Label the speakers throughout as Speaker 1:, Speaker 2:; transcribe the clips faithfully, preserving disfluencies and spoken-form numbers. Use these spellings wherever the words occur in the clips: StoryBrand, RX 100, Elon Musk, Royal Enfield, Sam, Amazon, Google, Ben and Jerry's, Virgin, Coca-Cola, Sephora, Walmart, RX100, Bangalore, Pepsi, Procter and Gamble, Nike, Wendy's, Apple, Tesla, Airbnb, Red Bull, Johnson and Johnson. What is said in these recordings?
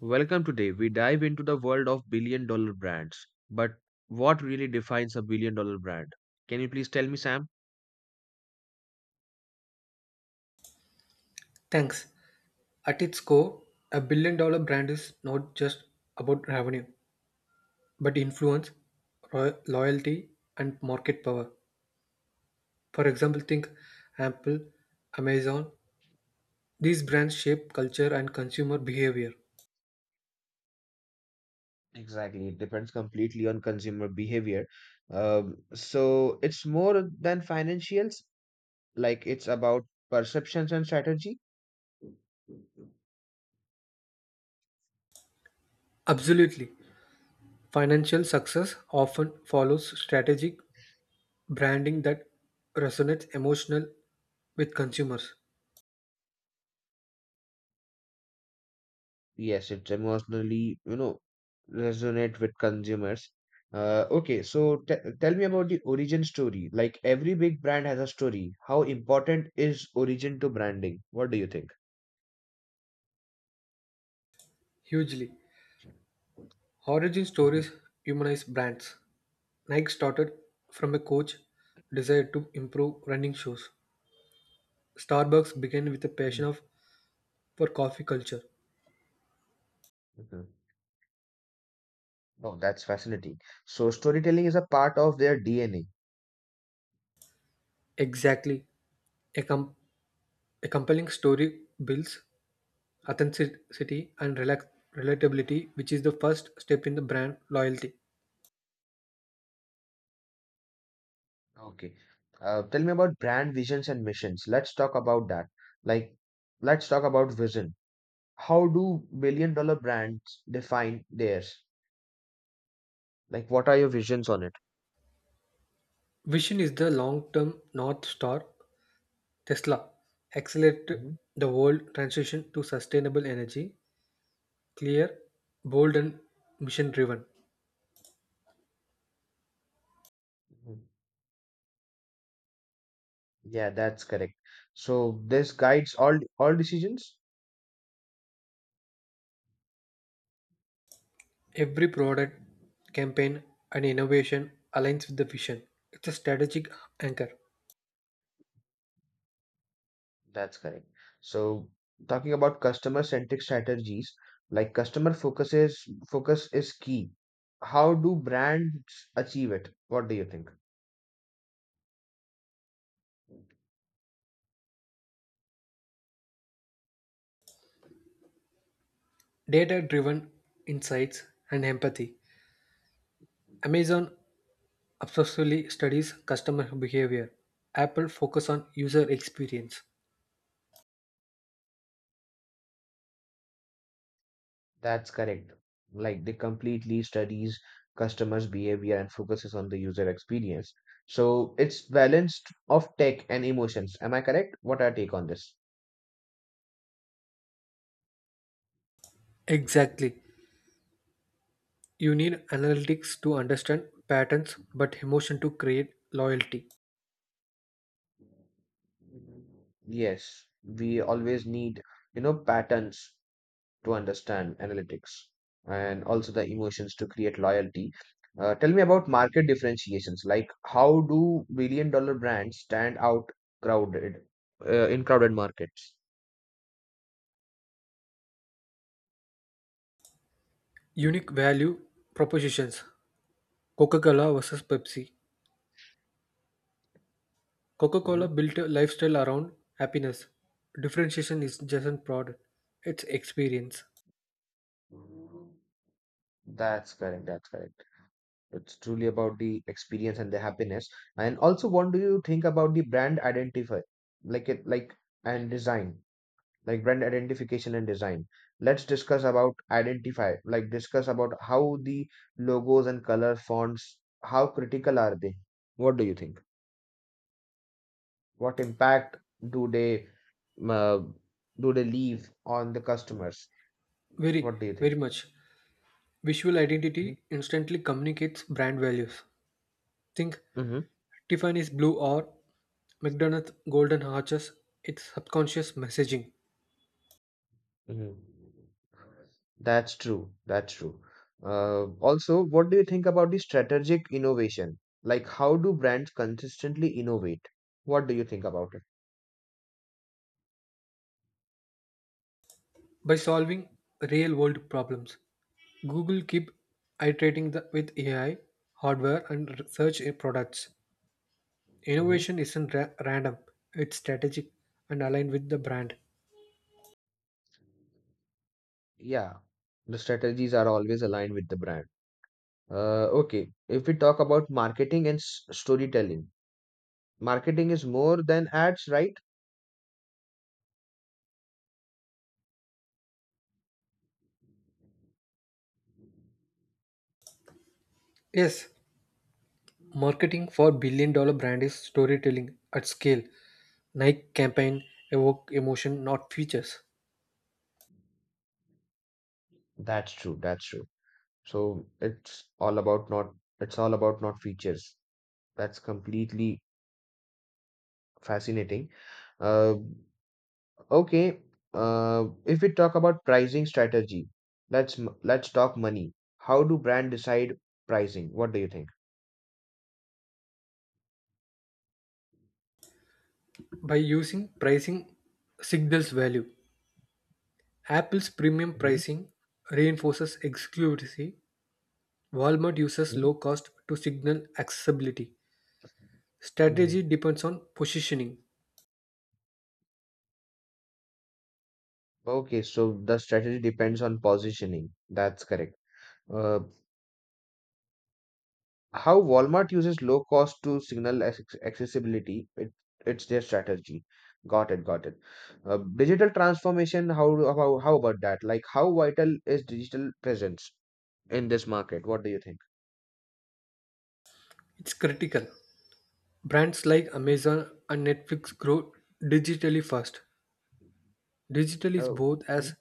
Speaker 1: Welcome today. We dive into the world of billion dollar brands. But what really defines a billion dollar brand? Can you please tell me, Sam?
Speaker 2: Thanks. At its core, a billion dollar brand is not just about revenue, but influence, roy- loyalty, and market power. For example, think Apple, Amazon. These brands shape culture and consumer behavior.
Speaker 1: Exactly. It depends completely on consumer behavior. Um, so it's more than financials, like it's about perceptions and strategy.
Speaker 2: Absolutely. Financial success often follows strategic branding that resonates emotional with consumers
Speaker 1: Yes, it's emotionally, you know, resonate with consumers. Uh, okay, so t tell me about the origin story. Like every big brand has a story. How important is origin to branding? What do you think?
Speaker 2: hugely.
Speaker 1: Mhm,
Speaker 2: Origin
Speaker 1: mhm,
Speaker 2: stories humanize brands. Nike started from a coach desire to improve running shoes. Starbucks began with a passion of, for coffee culture.
Speaker 1: mhm. Oh, that's fascinating. So storytelling is a part of their D N A.
Speaker 2: Exactly. A, com- a compelling story builds authenticity and relax- relatability, which is the first step in the brand loyalty.
Speaker 1: Okay. Uh, tell me about brand visions and missions. Let's talk about that. Like, let's talk about vision. How do billion dollar brands define theirs? Like, what are your visions on it?
Speaker 2: Vision is the long term North Star. Tesla accelerate
Speaker 1: Mhm,
Speaker 2: the world transition to sustainable energy, clear, bold, and mission driven.
Speaker 1: mhm. Yeah, that's correct. So this guides all all decisions.
Speaker 2: Every product, campaign, and innovation aligns with the vision. It's a strategic anchor.
Speaker 1: That's correct. So talking about customer-centric strategies, like customer focuses focus is key. How do brands achieve it? What do you think?
Speaker 2: Data driven insights and empathy. Amazon obsessively studies customer behavior. Apple focus on user experience.
Speaker 1: That's correct. Like they completely studies customers' behavior and focuses on the user experience. So it's balanced of tech and emotions. Am I correct? What are your take on this?
Speaker 2: Exactly. You need analytics to understand patterns but emotion to create loyalty.
Speaker 1: Yes, we always need, you know, patterns to understand analytics and also the emotions to create loyalty. Uh, tell me about market differentiations. Like, how do billion dollar brands stand out crowded uh, in crowded markets?
Speaker 2: Unique value propositions. Coca-Cola versus Pepsi. Coca Cola
Speaker 1: Mhm.
Speaker 2: built a lifestyle around happiness. Differentiation is just a product, it's experience.
Speaker 1: That's correct. That's correct. It's truly about the experience and the happiness. And also, what do you think about the brand identify, like it, like and design? Like brand identification and design, let's discuss about identify, like discuss about how the logos and color fonts, how critical are they? What do you think? What impact do they, uh, do they leave on the customers? What
Speaker 2: Very,
Speaker 1: do you think?
Speaker 2: very much. Visual identity instantly communicates brand values. Think
Speaker 1: Mm-hmm.
Speaker 2: Tiffany's blue or McDonald's golden arches, it's subconscious messaging.
Speaker 1: Hmm. That's true. That's true. Uh, also, what do you think about the strategic innovation? Like, how do brands consistently innovate? What do you think about it?
Speaker 2: By solving real world problems, Google keep iterating the, with A I, hardware, and search products.
Speaker 1: Mm-hmm.
Speaker 2: Innovation isn't ra- random; it's strategic and aligned with the brand.
Speaker 1: Yeah, the strategies are always aligned with the brand. Uh, okay, if we talk about marketing and s- storytelling, marketing is more than ads, right?
Speaker 2: Yes, marketing for billion dollar brand is storytelling at scale. Nike campaign evoke emotion, not features.
Speaker 1: That's true, that's true. So it's all about not it's all about not features. That's completely fascinating. Uh, okay, uh, if we talk about pricing strategy, let's m- let's talk money. How do brand decide pricing? What do you think?
Speaker 2: By using pricing signals value. Apple's premium pricing reinforces exclusivity. Walmart uses
Speaker 1: Mm-hmm.
Speaker 2: low cost to signal accessibility. Strategy depends on positioning.
Speaker 1: Okay, so the strategy depends on positioning. That's correct. Uh, how Walmart uses low cost to signal ac- accessibility, it, it's their strategy. Got it, got it. Uh, digital transformation, how, do- how how about that? Like, how vital is digital presence in this market? What do you think?
Speaker 2: It's critical. Brands like
Speaker 1: Mhm.
Speaker 2: Amazon and Netflix grow digitally fast. Digital is
Speaker 1: Oh,
Speaker 2: both as
Speaker 1: mm,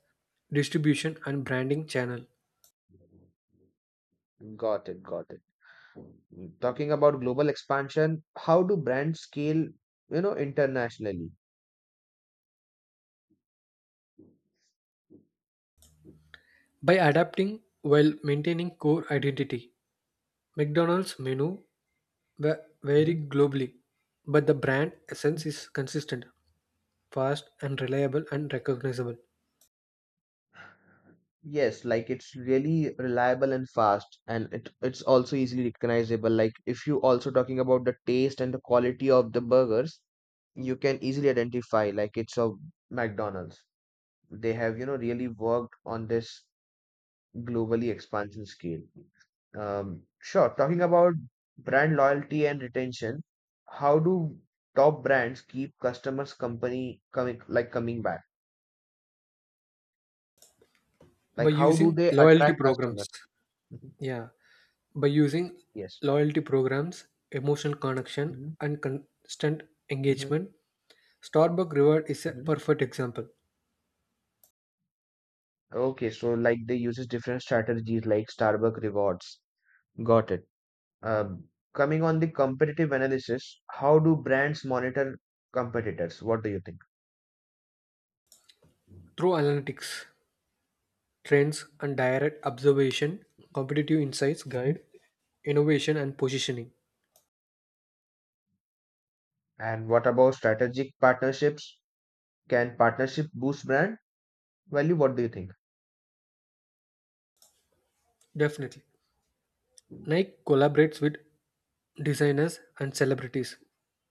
Speaker 2: distribution and branding channel.
Speaker 1: got it, got it. Mm, talking about global expansion, how do brands scale, you know, internationally?
Speaker 2: By adapting while maintaining core identity, McDonald's menu va-
Speaker 1: Mhm.
Speaker 2: vary globally, but the brand essence is consistent, fast and reliable and recognizable.
Speaker 1: Yes, like it's really reliable and fast, and it, it's also easily recognizable. Like if you also talking about the taste and the quality of the burgers, you can easily identify like it's a McDonald's. They have, you know, really worked on this globally expansion scale. Um, sure, talking about brand loyalty and retention, how do top brands keep customers company coming like coming back? Like
Speaker 2: By
Speaker 1: how do
Speaker 2: using
Speaker 1: they
Speaker 2: loyalty
Speaker 1: attract customers?
Speaker 2: programs,
Speaker 1: Mhm.
Speaker 2: yeah, by using
Speaker 1: Yes.
Speaker 2: loyalty programs, emotional connection
Speaker 1: Mm-hmm.
Speaker 2: and constant
Speaker 1: Hmm.
Speaker 2: engagement, Starbucks Reward is a
Speaker 1: Hmm.
Speaker 2: perfect example.
Speaker 1: Okay, so like they uses different strategies like Starbucks rewards. Got it. Um, coming on the competitive analysis, how do brands monitor competitors? What do you think?
Speaker 2: Through analytics, trends and direct observation, competitive insights guide
Speaker 1: Mhm.
Speaker 2: innovation and positioning.
Speaker 1: And what about strategic partnerships? Can partnership boost brand value? What do you think?
Speaker 2: Definitely. Nike collaborates with designers and celebrities.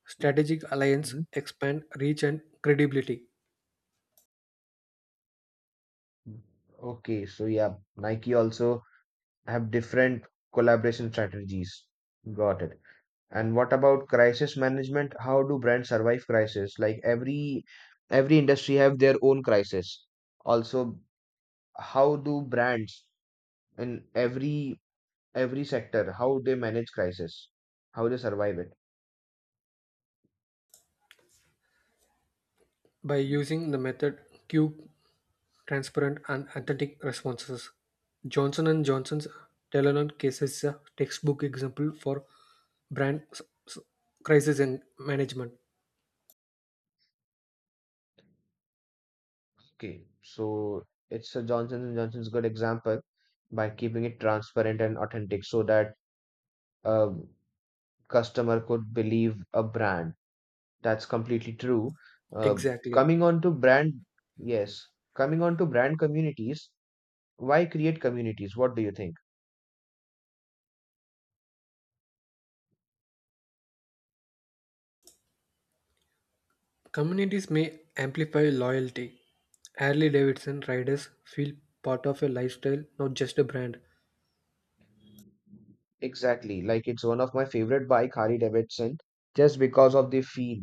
Speaker 2: Strategic alliance
Speaker 1: Mhm.
Speaker 2: expand reach and credibility
Speaker 1: Okay, so yeah, Nike also have different collaboration strategies. Got it. And what about crisis management? How do brands survive crisis? Like every every industry have their own crisis. Also, how do brands in every every sector how they manage crisis? How they survive it?
Speaker 2: by using the method Q transparent and authentic responses. Johnson and Johnson's Telenor case is a textbook example for brand s- s- crisis and management.
Speaker 1: Okay, so it's a Johnson and Johnson's good example by keeping it transparent and authentic so that a customer could believe a brand. That's completely true. Uh,
Speaker 2: Exactly.
Speaker 1: coming on to brand, yes, Coming on to brand communities, why create communities? What do you think?
Speaker 2: Communities may amplify loyalty. Harley Davidson riders feel part of a lifestyle, not just a brand.
Speaker 1: Exactly. Like it's one of my favorite bike, Harley Davidson, just because of the feel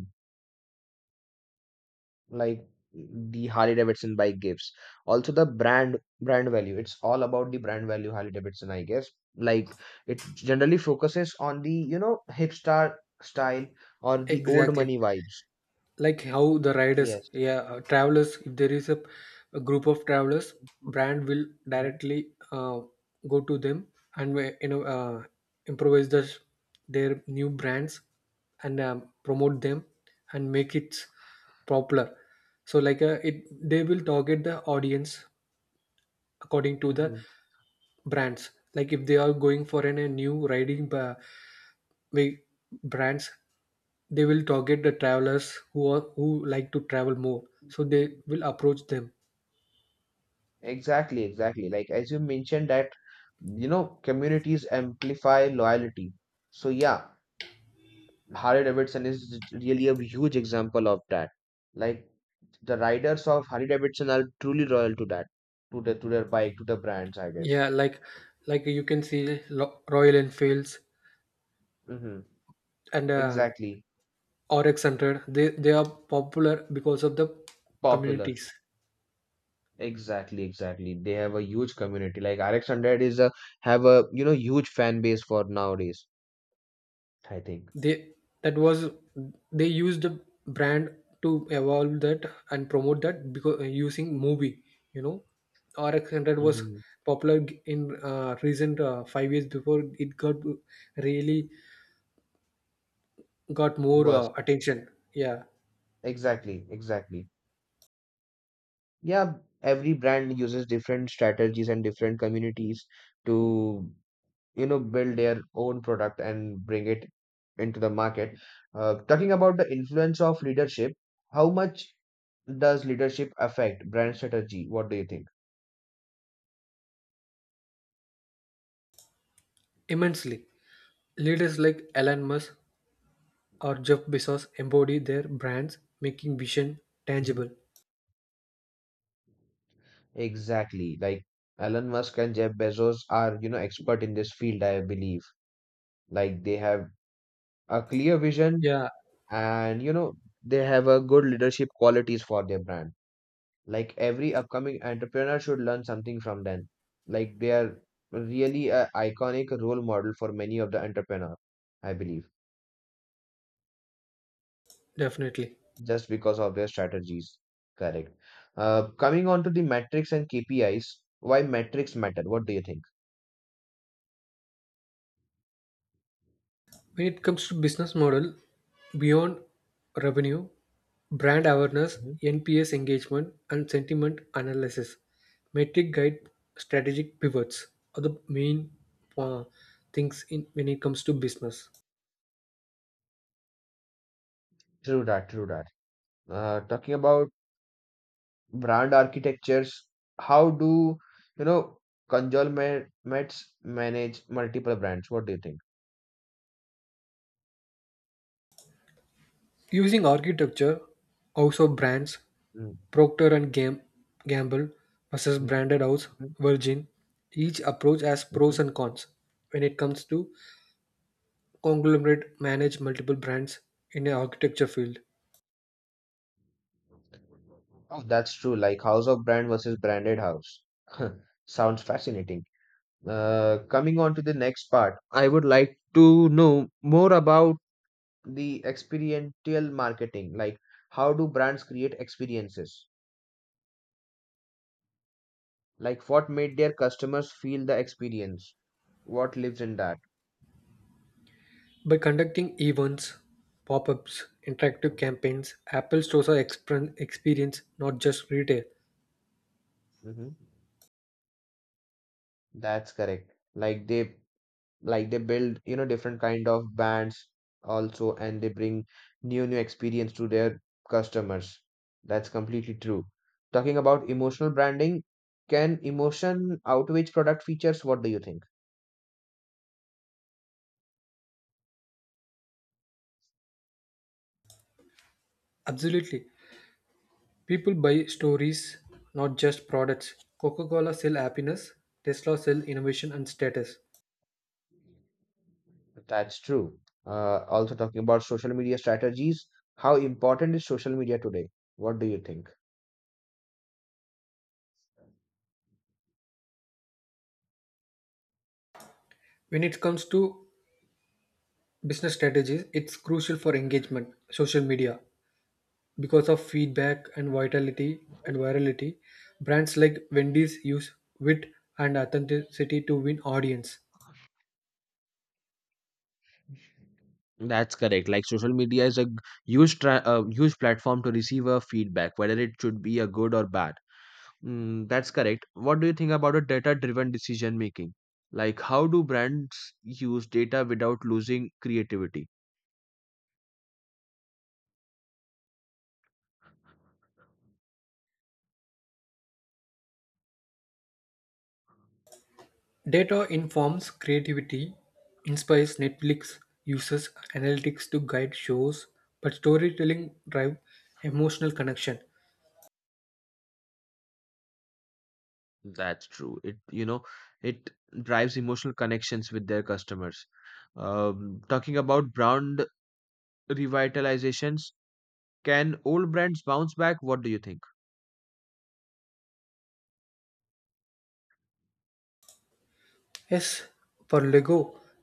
Speaker 1: like the Harley Davidson bike gives. Also the brand brand value. It's all about the brand value Harley Davidson, I guess. Like it generally focuses on the, you know, hipster style or the old
Speaker 2: Exactly.
Speaker 1: money vibes.
Speaker 2: Like how the riders,
Speaker 1: Yes.
Speaker 2: yeah, uh, travelers, if there is a, a group of travelers, brand will
Speaker 1: Hmm.
Speaker 2: directly uh, go to them, and we- you know, uh, improvise the, their new brands, and um, promote them and make it popular. So, like uh, it they will target the audience according to the brands. Like if they are going for an, a new riding ba- way brands, they will target the travelers who are who like to travel more, so they
Speaker 1: Hmm.
Speaker 2: will approach them.
Speaker 1: Exactly, exactly. Like as you mentioned that, you know, communities amplify loyalty. So yeah, Harley Davidson is really a huge example of that. Like the riders of Harley Davidson are truly loyal to that, to the to their bike, to the brands, I guess.
Speaker 2: Yeah, like like you can see Lo- royal enfields
Speaker 1: Mm-hmm.
Speaker 2: and uh,
Speaker 1: Exactly.
Speaker 2: rx one hundred, they they are popular because of the
Speaker 1: Popular.
Speaker 2: communities.
Speaker 1: Exactly, exactly. They have a huge community. Like R X one hundred is a, have a, you know, huge fan base for nowadays, I think.
Speaker 2: They that was they used the brand to evolve that and promote that because, uh, using movie, you know, rx one hundred was
Speaker 1: Mm-hmm.
Speaker 2: popular in, uh, recent, uh, five years before it got really got more
Speaker 1: Worst.
Speaker 2: uh, attention. Yeah,
Speaker 1: Exactly, exactly. Yeah, every brand uses different strategies and different communities to, you know, build their own product and bring it into the market. Uh, talking about the influence of leadership, how much does leadership affect brand strategy? What do you think?
Speaker 2: immensely. Leaders like Elon Musk or Jeff Bezos embody their brands, making vision
Speaker 1: Mhm.
Speaker 2: tangible.
Speaker 1: Exactly, like Elon Musk and Jeff Bezos are, you know, expert in this field, I believe. Like they have a clear vision,
Speaker 2: Yeah,
Speaker 1: and you know, they have a good leadership qualities for their brand. Like every upcoming entrepreneur should learn something from them, like they are really a iconic role model for many of the entrepreneur, I believe,
Speaker 2: definitely.
Speaker 1: just because of their strategies. Correct. Uh, coming on to the metrics and KPIs, why metrics matter? What do you think?
Speaker 2: When it comes to business model, beyond revenue, brand awareness,
Speaker 1: Mhm.
Speaker 2: N P S engagement, and sentiment analysis, metric guide strategic pivots are the main uh, things in when it comes to business.
Speaker 1: True that, true that. Uh, talking about brand architectures, how do, you know, conglomerates manage multiple brands? What do you think?
Speaker 2: Using architecture, also brands,
Speaker 1: Mhm.
Speaker 2: Procter and Gam- Gamble versus
Speaker 1: Mhm.
Speaker 2: branded house Virgin, each approach has pros
Speaker 1: Mhm.
Speaker 2: and cons when it comes to conglomerate manage multiple brands in an architecture field.
Speaker 1: Oh, that's true. Like house of brand versus branded house. Sounds fascinating. Uh, coming on to the next part, I would like to know more about the experiential marketing. Like, how do brands create experiences? Like, what made their customers feel the experience? What lives in that?
Speaker 2: By conducting events, pop-ups, interactive campaigns, Apple stores are exper- experience not just retail.
Speaker 1: Mhm. That's correct. Like they, like they build, you know, different kind of bands also, and they bring new new experience to their customers. That's completely true. Talking about emotional branding, can emotion outweigh product features? What do you think?
Speaker 2: Absolutely. People buy stories, not just products. Coca-Cola sell happiness, Tesla sell innovation and status.
Speaker 1: That's true. Uh, also talking about social media strategies, how important is social media today? What do you think?
Speaker 2: When it comes to business strategies, it's crucial for engagement social media because of feedback and vitality and virality. Brands like wendy's use wit and authenticity to win audience.
Speaker 1: That's correct. Like social media is a g- huge tra- uh, huge platform to receive a feedback, whether it should be a good or bad. Mm, that's correct. What do you think about a data-driven decision making? Like, how do brands use data without losing creativity?
Speaker 2: Data informs creativity, inspires. Netflix uses analytics to guide shows, but storytelling drive emotional connection.
Speaker 1: That's true. It, you know, it drives emotional connections with their customers. Um, talking about brand revitalizations, can old brands bounce back? What do you think?
Speaker 2: Yes, for lego,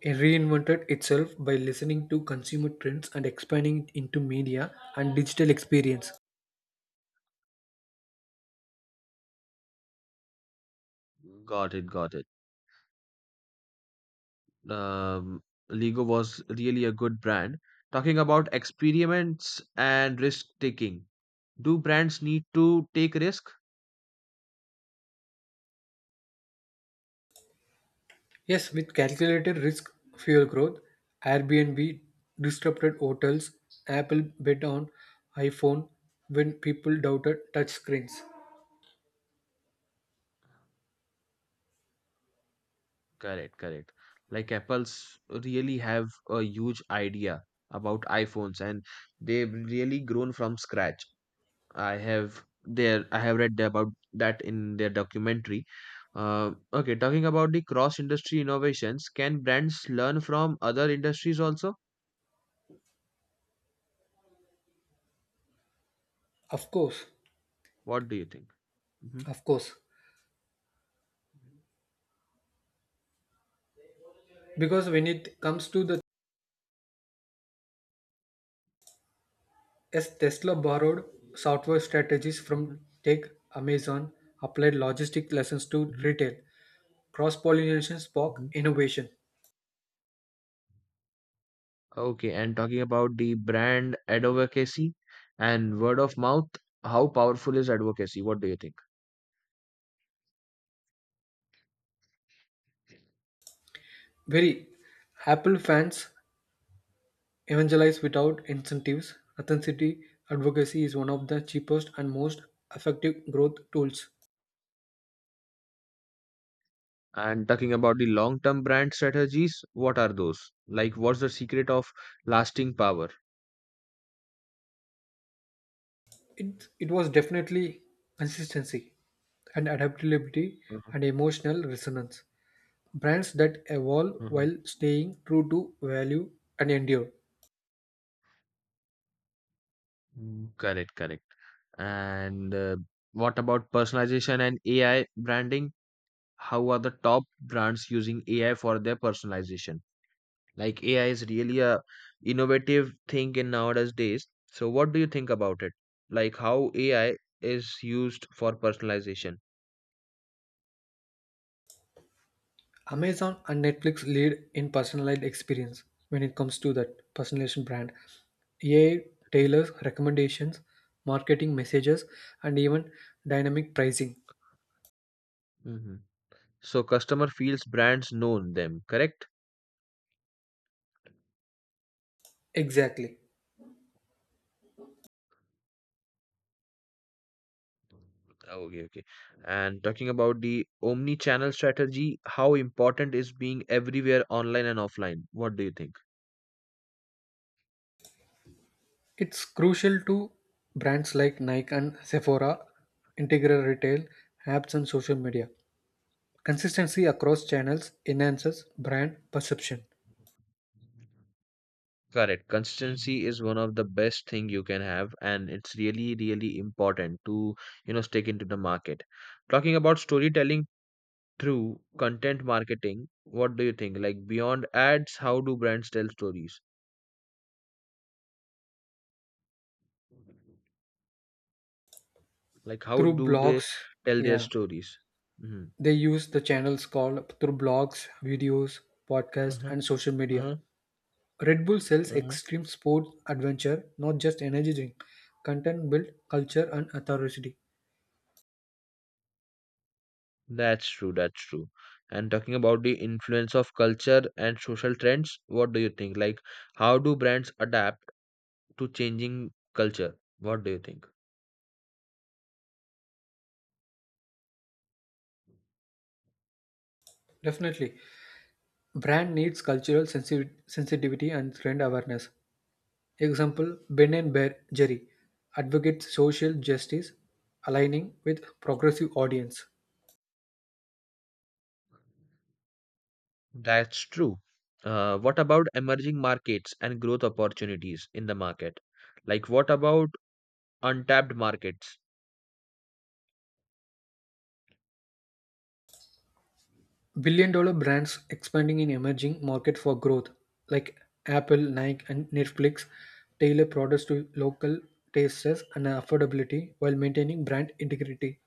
Speaker 2: it reinvented itself by listening to consumer trends and expanding it into media and digital experience.
Speaker 1: Got it, got it. Um, Lego was really a good brand. Talking about experiments and risk taking, do brands need to take risk?
Speaker 2: Yes, with calculated risk fuel growth, Airbnb disrupted hotels, Apple bet on iPhone when people doubted touch screens.
Speaker 1: Correct, correct. Like Apple's really have a huge idea about iPhones, and they've really grown from scratch. I have there I have read about that in their documentary. Uh, okay, talking about the cross-industry innovations, can brands learn from other industries also?
Speaker 2: Of course,
Speaker 1: What do you think? Hmm.
Speaker 2: of course. Because when it comes to the yes, Tesla borrowed software strategies from
Speaker 1: Hmm.
Speaker 2: tech, Amazon, applied logistic lessons to
Speaker 1: Hmm.
Speaker 2: retail. Cross pollination spark
Speaker 1: Hmm.
Speaker 2: innovation.
Speaker 1: Okay, and talking about the brand advocacy and word of mouth, how powerful is advocacy? What do you think?
Speaker 2: Very. Apple fans evangelize without incentives. Authenticity advocacy is one of the cheapest and most effective growth tools.
Speaker 1: And talking about the long term brand strategies, what are those? Like, what's the secret of lasting power?
Speaker 2: It, it was definitely consistency and adaptability
Speaker 1: Mhm,
Speaker 2: and emotional resonance. Brands that evolve
Speaker 1: mhm.
Speaker 2: while staying true to value and endure.
Speaker 1: Mm, correct, correct. And uh, what about personalization and A I branding? How are the top brands using A I for their personalization? Like, A I is really a innovative thing in nowadays days. So, what do you think about it? Like, how A I is used for personalization?
Speaker 2: Amazon and Netflix lead in personalized experience when it comes to that personalization brand. A I tailors recommendations, marketing messages, and even dynamic pricing.
Speaker 1: Mhm. So, customer feels brands known them, correct?
Speaker 2: Exactly.
Speaker 1: Okay, okay. And talking about the omni-channel strategy, how important is being everywhere online and offline? What do you think?
Speaker 2: It's crucial to brands like Nike and Sephora, integral retail, apps, and social media. Consistency across channels enhances brand perception.
Speaker 1: Correct. Consistency is one of the best thing you can have, and it's really, really important to, you know, stick into the market. Talking about storytelling through content marketing, what do you think? Like beyond ads, how do brands tell stories? Like how
Speaker 2: Through
Speaker 1: do they
Speaker 2: blogs,
Speaker 1: tell their
Speaker 2: yeah,
Speaker 1: stories? Mm-hmm.
Speaker 2: they use the channels called through blogs, videos, podcasts,
Speaker 1: Uh-huh.
Speaker 2: and social media.
Speaker 1: Uh-huh.
Speaker 2: Red Bull sells extreme sports adventure, not just energy drink. Content build culture and authority.
Speaker 1: That's true, that's true. And talking about the influence of culture and social trends, what do you think? Like, how do brands adapt to changing culture? What do you think?
Speaker 2: Definitely. Brand needs cultural sensi- sensitivity and trend awareness. Example, Ben and Bear Jerry advocates social justice, aligning with progressive audience.
Speaker 1: That's true. Uh, what about emerging markets and growth opportunities in the market? Like, what about untapped markets?
Speaker 2: Billion dollar brands expanding in emerging market for growth, like Apple, Nike, and Netflix, tailor products to local tastes and affordability while maintaining brand integrity.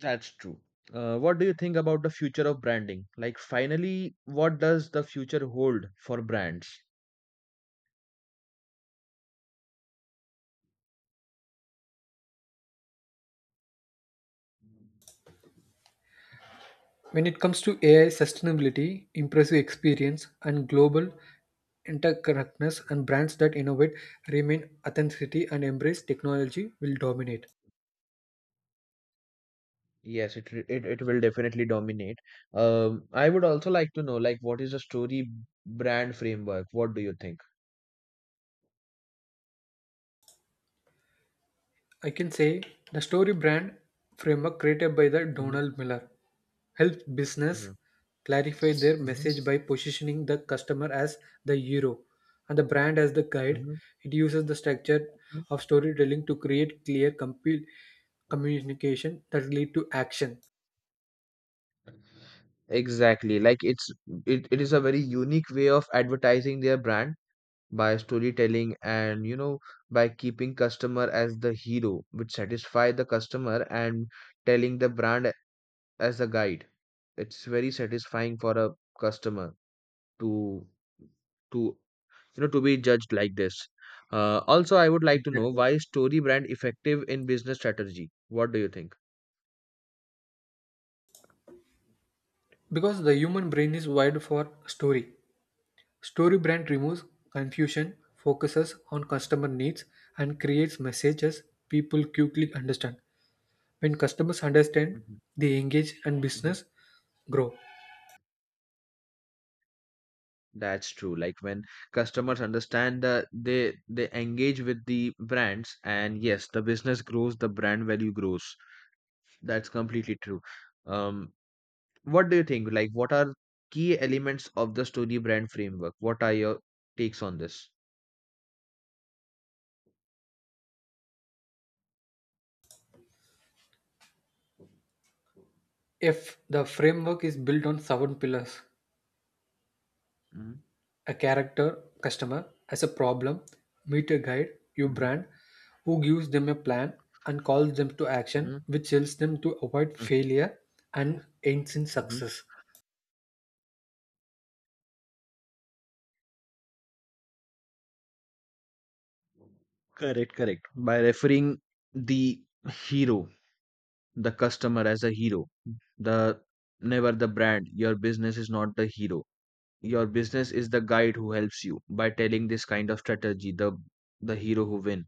Speaker 1: That's true. Uh, what do you think about the future of branding? Like, finally, what does the future hold for brands?
Speaker 2: When it comes to A I sustainability, impressive experience, and global interconnectedness and brands that innovate, remain authenticity, and embrace technology will dominate.
Speaker 1: Yes, it, re- it it will definitely dominate. Um, I would also like to know, like, what is the story brand framework? What do you think?
Speaker 2: I can say the story brand framework created by the
Speaker 1: Hmm.
Speaker 2: Donald Miller helps business
Speaker 1: Hmm.
Speaker 2: clarify their
Speaker 1: Hmm.
Speaker 2: message by positioning the customer as the hero and the brand as the guide.
Speaker 1: Hmm.
Speaker 2: It uses the structure of storytelling to create clear compu- communication that lead to action.
Speaker 1: Exactly. Like it's it, it is a very unique way of advertising their brand by storytelling, and you know, by keeping customer as the hero, which satisfy the customer, and telling the brand a- as a guide. It's very satisfying for a customer to to you know, to be judged like this. Uh, also I would like to know,
Speaker 2: Exactly.
Speaker 1: why is story brand effective in business strategy? What do you think?
Speaker 2: Because the human brain is wired for story. Story brand removes confusion, focuses on customer needs, and creates messages people quickly understand. When customers understand,
Speaker 1: Mhm,
Speaker 2: they engage and
Speaker 1: mhm.
Speaker 2: business grow.
Speaker 1: That's true. Like when customers understand that they they engage with the brands, and yes, the business grows, the brand value grows. That's completely true. Um, what do you think? Like what are key elements of the story brand framework? What are your takes on this?
Speaker 2: If the framework is built on seven pillars: a character, customer, as a problem, meet a guide, your
Speaker 1: Mhm,
Speaker 2: brand, who gives them a plan and calls them to action,
Speaker 1: mhm,
Speaker 2: which helps them to avoid
Speaker 1: mhm,
Speaker 2: failure and ends in
Speaker 1: mhm.
Speaker 2: success.
Speaker 1: Correct, correct. By referring the hero, the customer as a hero, the never the brand. Your business is not the hero. Your business is the guide who helps you by telling this kind of strategy. The the hero who win.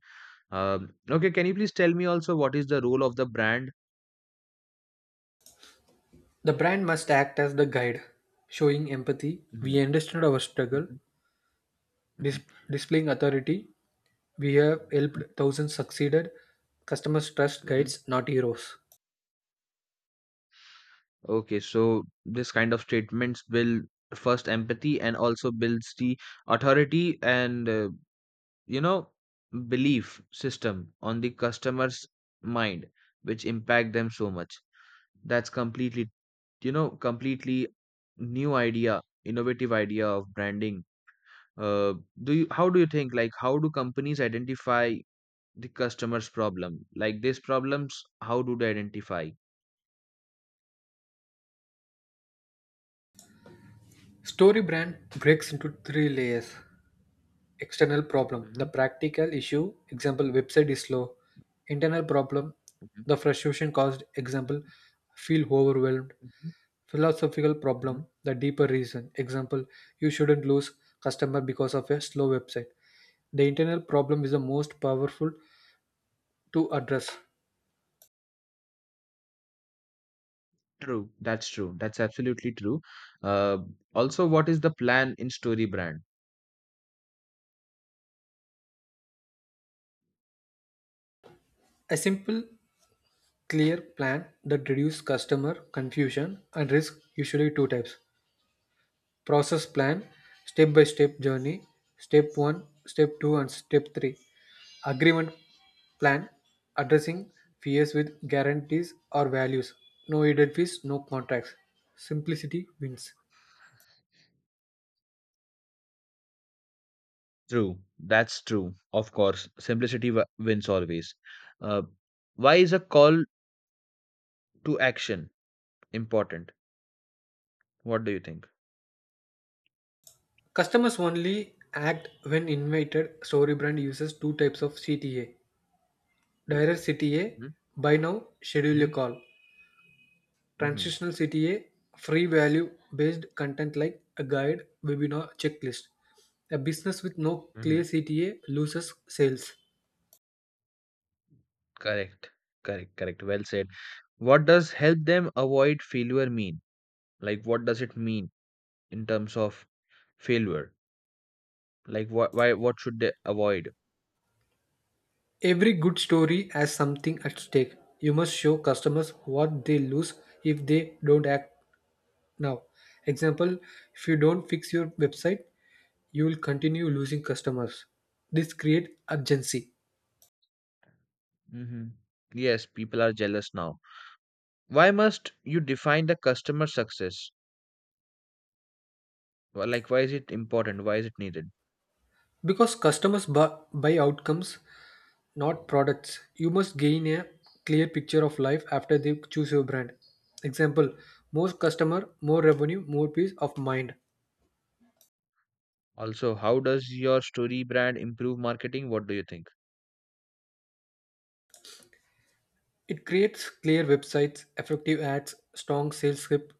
Speaker 1: Um, okay, can you please tell me also what is the role of the brand?
Speaker 2: The brand must act as the guide, showing empathy. We
Speaker 1: Mhm,
Speaker 2: understood our struggle,
Speaker 1: mhm, mhm.
Speaker 2: dis- displaying authority. We have
Speaker 1: Uh-huh,
Speaker 2: helped thousands succeeded. Customers trust
Speaker 1: mhm.
Speaker 2: guides, not heroes.
Speaker 1: Okay, so this kind of statements build first empathy, and also builds the authority, and uh, you know, belief system on the customer's mind, which impact them so much. That's completely, you know, completely new idea, innovative idea of branding. Uh, do you how do you think, like how do companies identify the customer's problem? Like these problems, how do they identify?
Speaker 2: StoryBrand breaks into three layers: external problem, the
Speaker 1: Mhm,
Speaker 2: practical issue, example website is slow; internal problem,
Speaker 1: mhm,
Speaker 2: the frustration caused, example
Speaker 1: mhm,
Speaker 2: feel overwhelmed;
Speaker 1: mhm,
Speaker 2: philosophical problem,
Speaker 1: mhm.
Speaker 2: the deeper reason, example you shouldn't lose customer because of a slow website. The internal problem is the most powerful to address.
Speaker 1: True that's true, that's absolutely true. Uh, also, what is the plan in story brand?
Speaker 2: A simple, clear plan that reduces customer confusion and risk, usually two types. Process plan, step by step journey, step one, step two, and step three. Agreement plan, addressing fears with guarantees or values, no hidden fees, no contracts. Simplicity wins.
Speaker 1: True, that's true. Of course, simplicity w- wins always. Uh, why is a call to action important? What do you think?
Speaker 2: Customers only act when invited. Storybrand uses two types of C T A. Direct C T A, buy now, schedule
Speaker 1: Mm-hmm.
Speaker 2: a call.
Speaker 1: Mm-hmm.
Speaker 2: Transitional C T A, free value based content like a guide, webinar, checklist. A business with no
Speaker 1: Mm-hmm.
Speaker 2: clear C T A loses sales.
Speaker 1: Correct. Correct. Correct. Well said. What does help them avoid failure mean? Like, what does it mean in terms of failure? Like, wh- why? What should they avoid?
Speaker 2: Every good story has something at stake. You must show customers what they lose if they don't act now. Example, if you don't fix your website, you will continue losing customers. This creates urgency
Speaker 1: Mm-hmm. Yes, people are jealous now. Why must you define the customer success? Wh- Like, why is it important? Why is it needed?
Speaker 2: because customers bu- buy outcomes, not products. You must gain a clear picture of life after they choose your brand. Example, more customer, more revenue, more peace of mind.
Speaker 1: Also, how does your story brand improve marketing? What do you think?
Speaker 2: It creates clear websites, effective ads, strong sales script,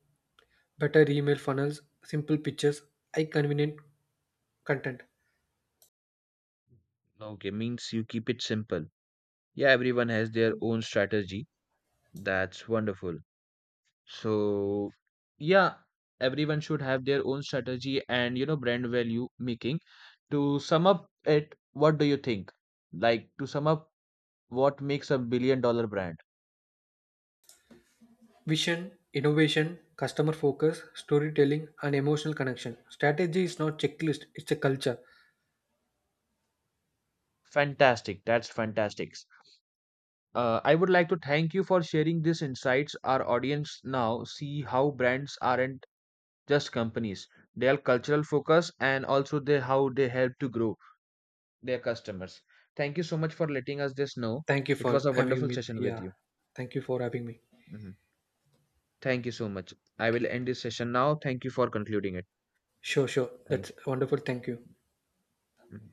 Speaker 2: better email funnels, simple pictures, high convenient content.
Speaker 1: Okay, means you keep it simple. Yeah, everyone has their own strategy. That's wonderful. So, yeah, everyone should have their own strategy, and you know, brand value making. To sum up it, what do you think? Like, to sum up, what makes a billion dollar brand?
Speaker 2: Vision, innovation, customer focus, storytelling, and emotional connection. Strategy is not checklist, it's a culture.
Speaker 1: Fantastic. That's fantastic. Uh, I would like to thank you for sharing these insights. Our audience now see how brands aren't just companies, their cultural focus, and also they how they help to grow their customers. Thank you so much for letting us this know.
Speaker 2: Thank you
Speaker 1: It
Speaker 2: for
Speaker 1: was a
Speaker 2: having
Speaker 1: wonderful
Speaker 2: me.
Speaker 1: session with
Speaker 2: Yeah.
Speaker 1: you.
Speaker 2: Thank you for having me.
Speaker 1: Mhm. Thank you so much. I will end this session now. Thank you for concluding it.
Speaker 2: Sure, sure.
Speaker 1: Thank
Speaker 2: That's
Speaker 1: you.
Speaker 2: wonderful. Thank you.
Speaker 1: Mhm.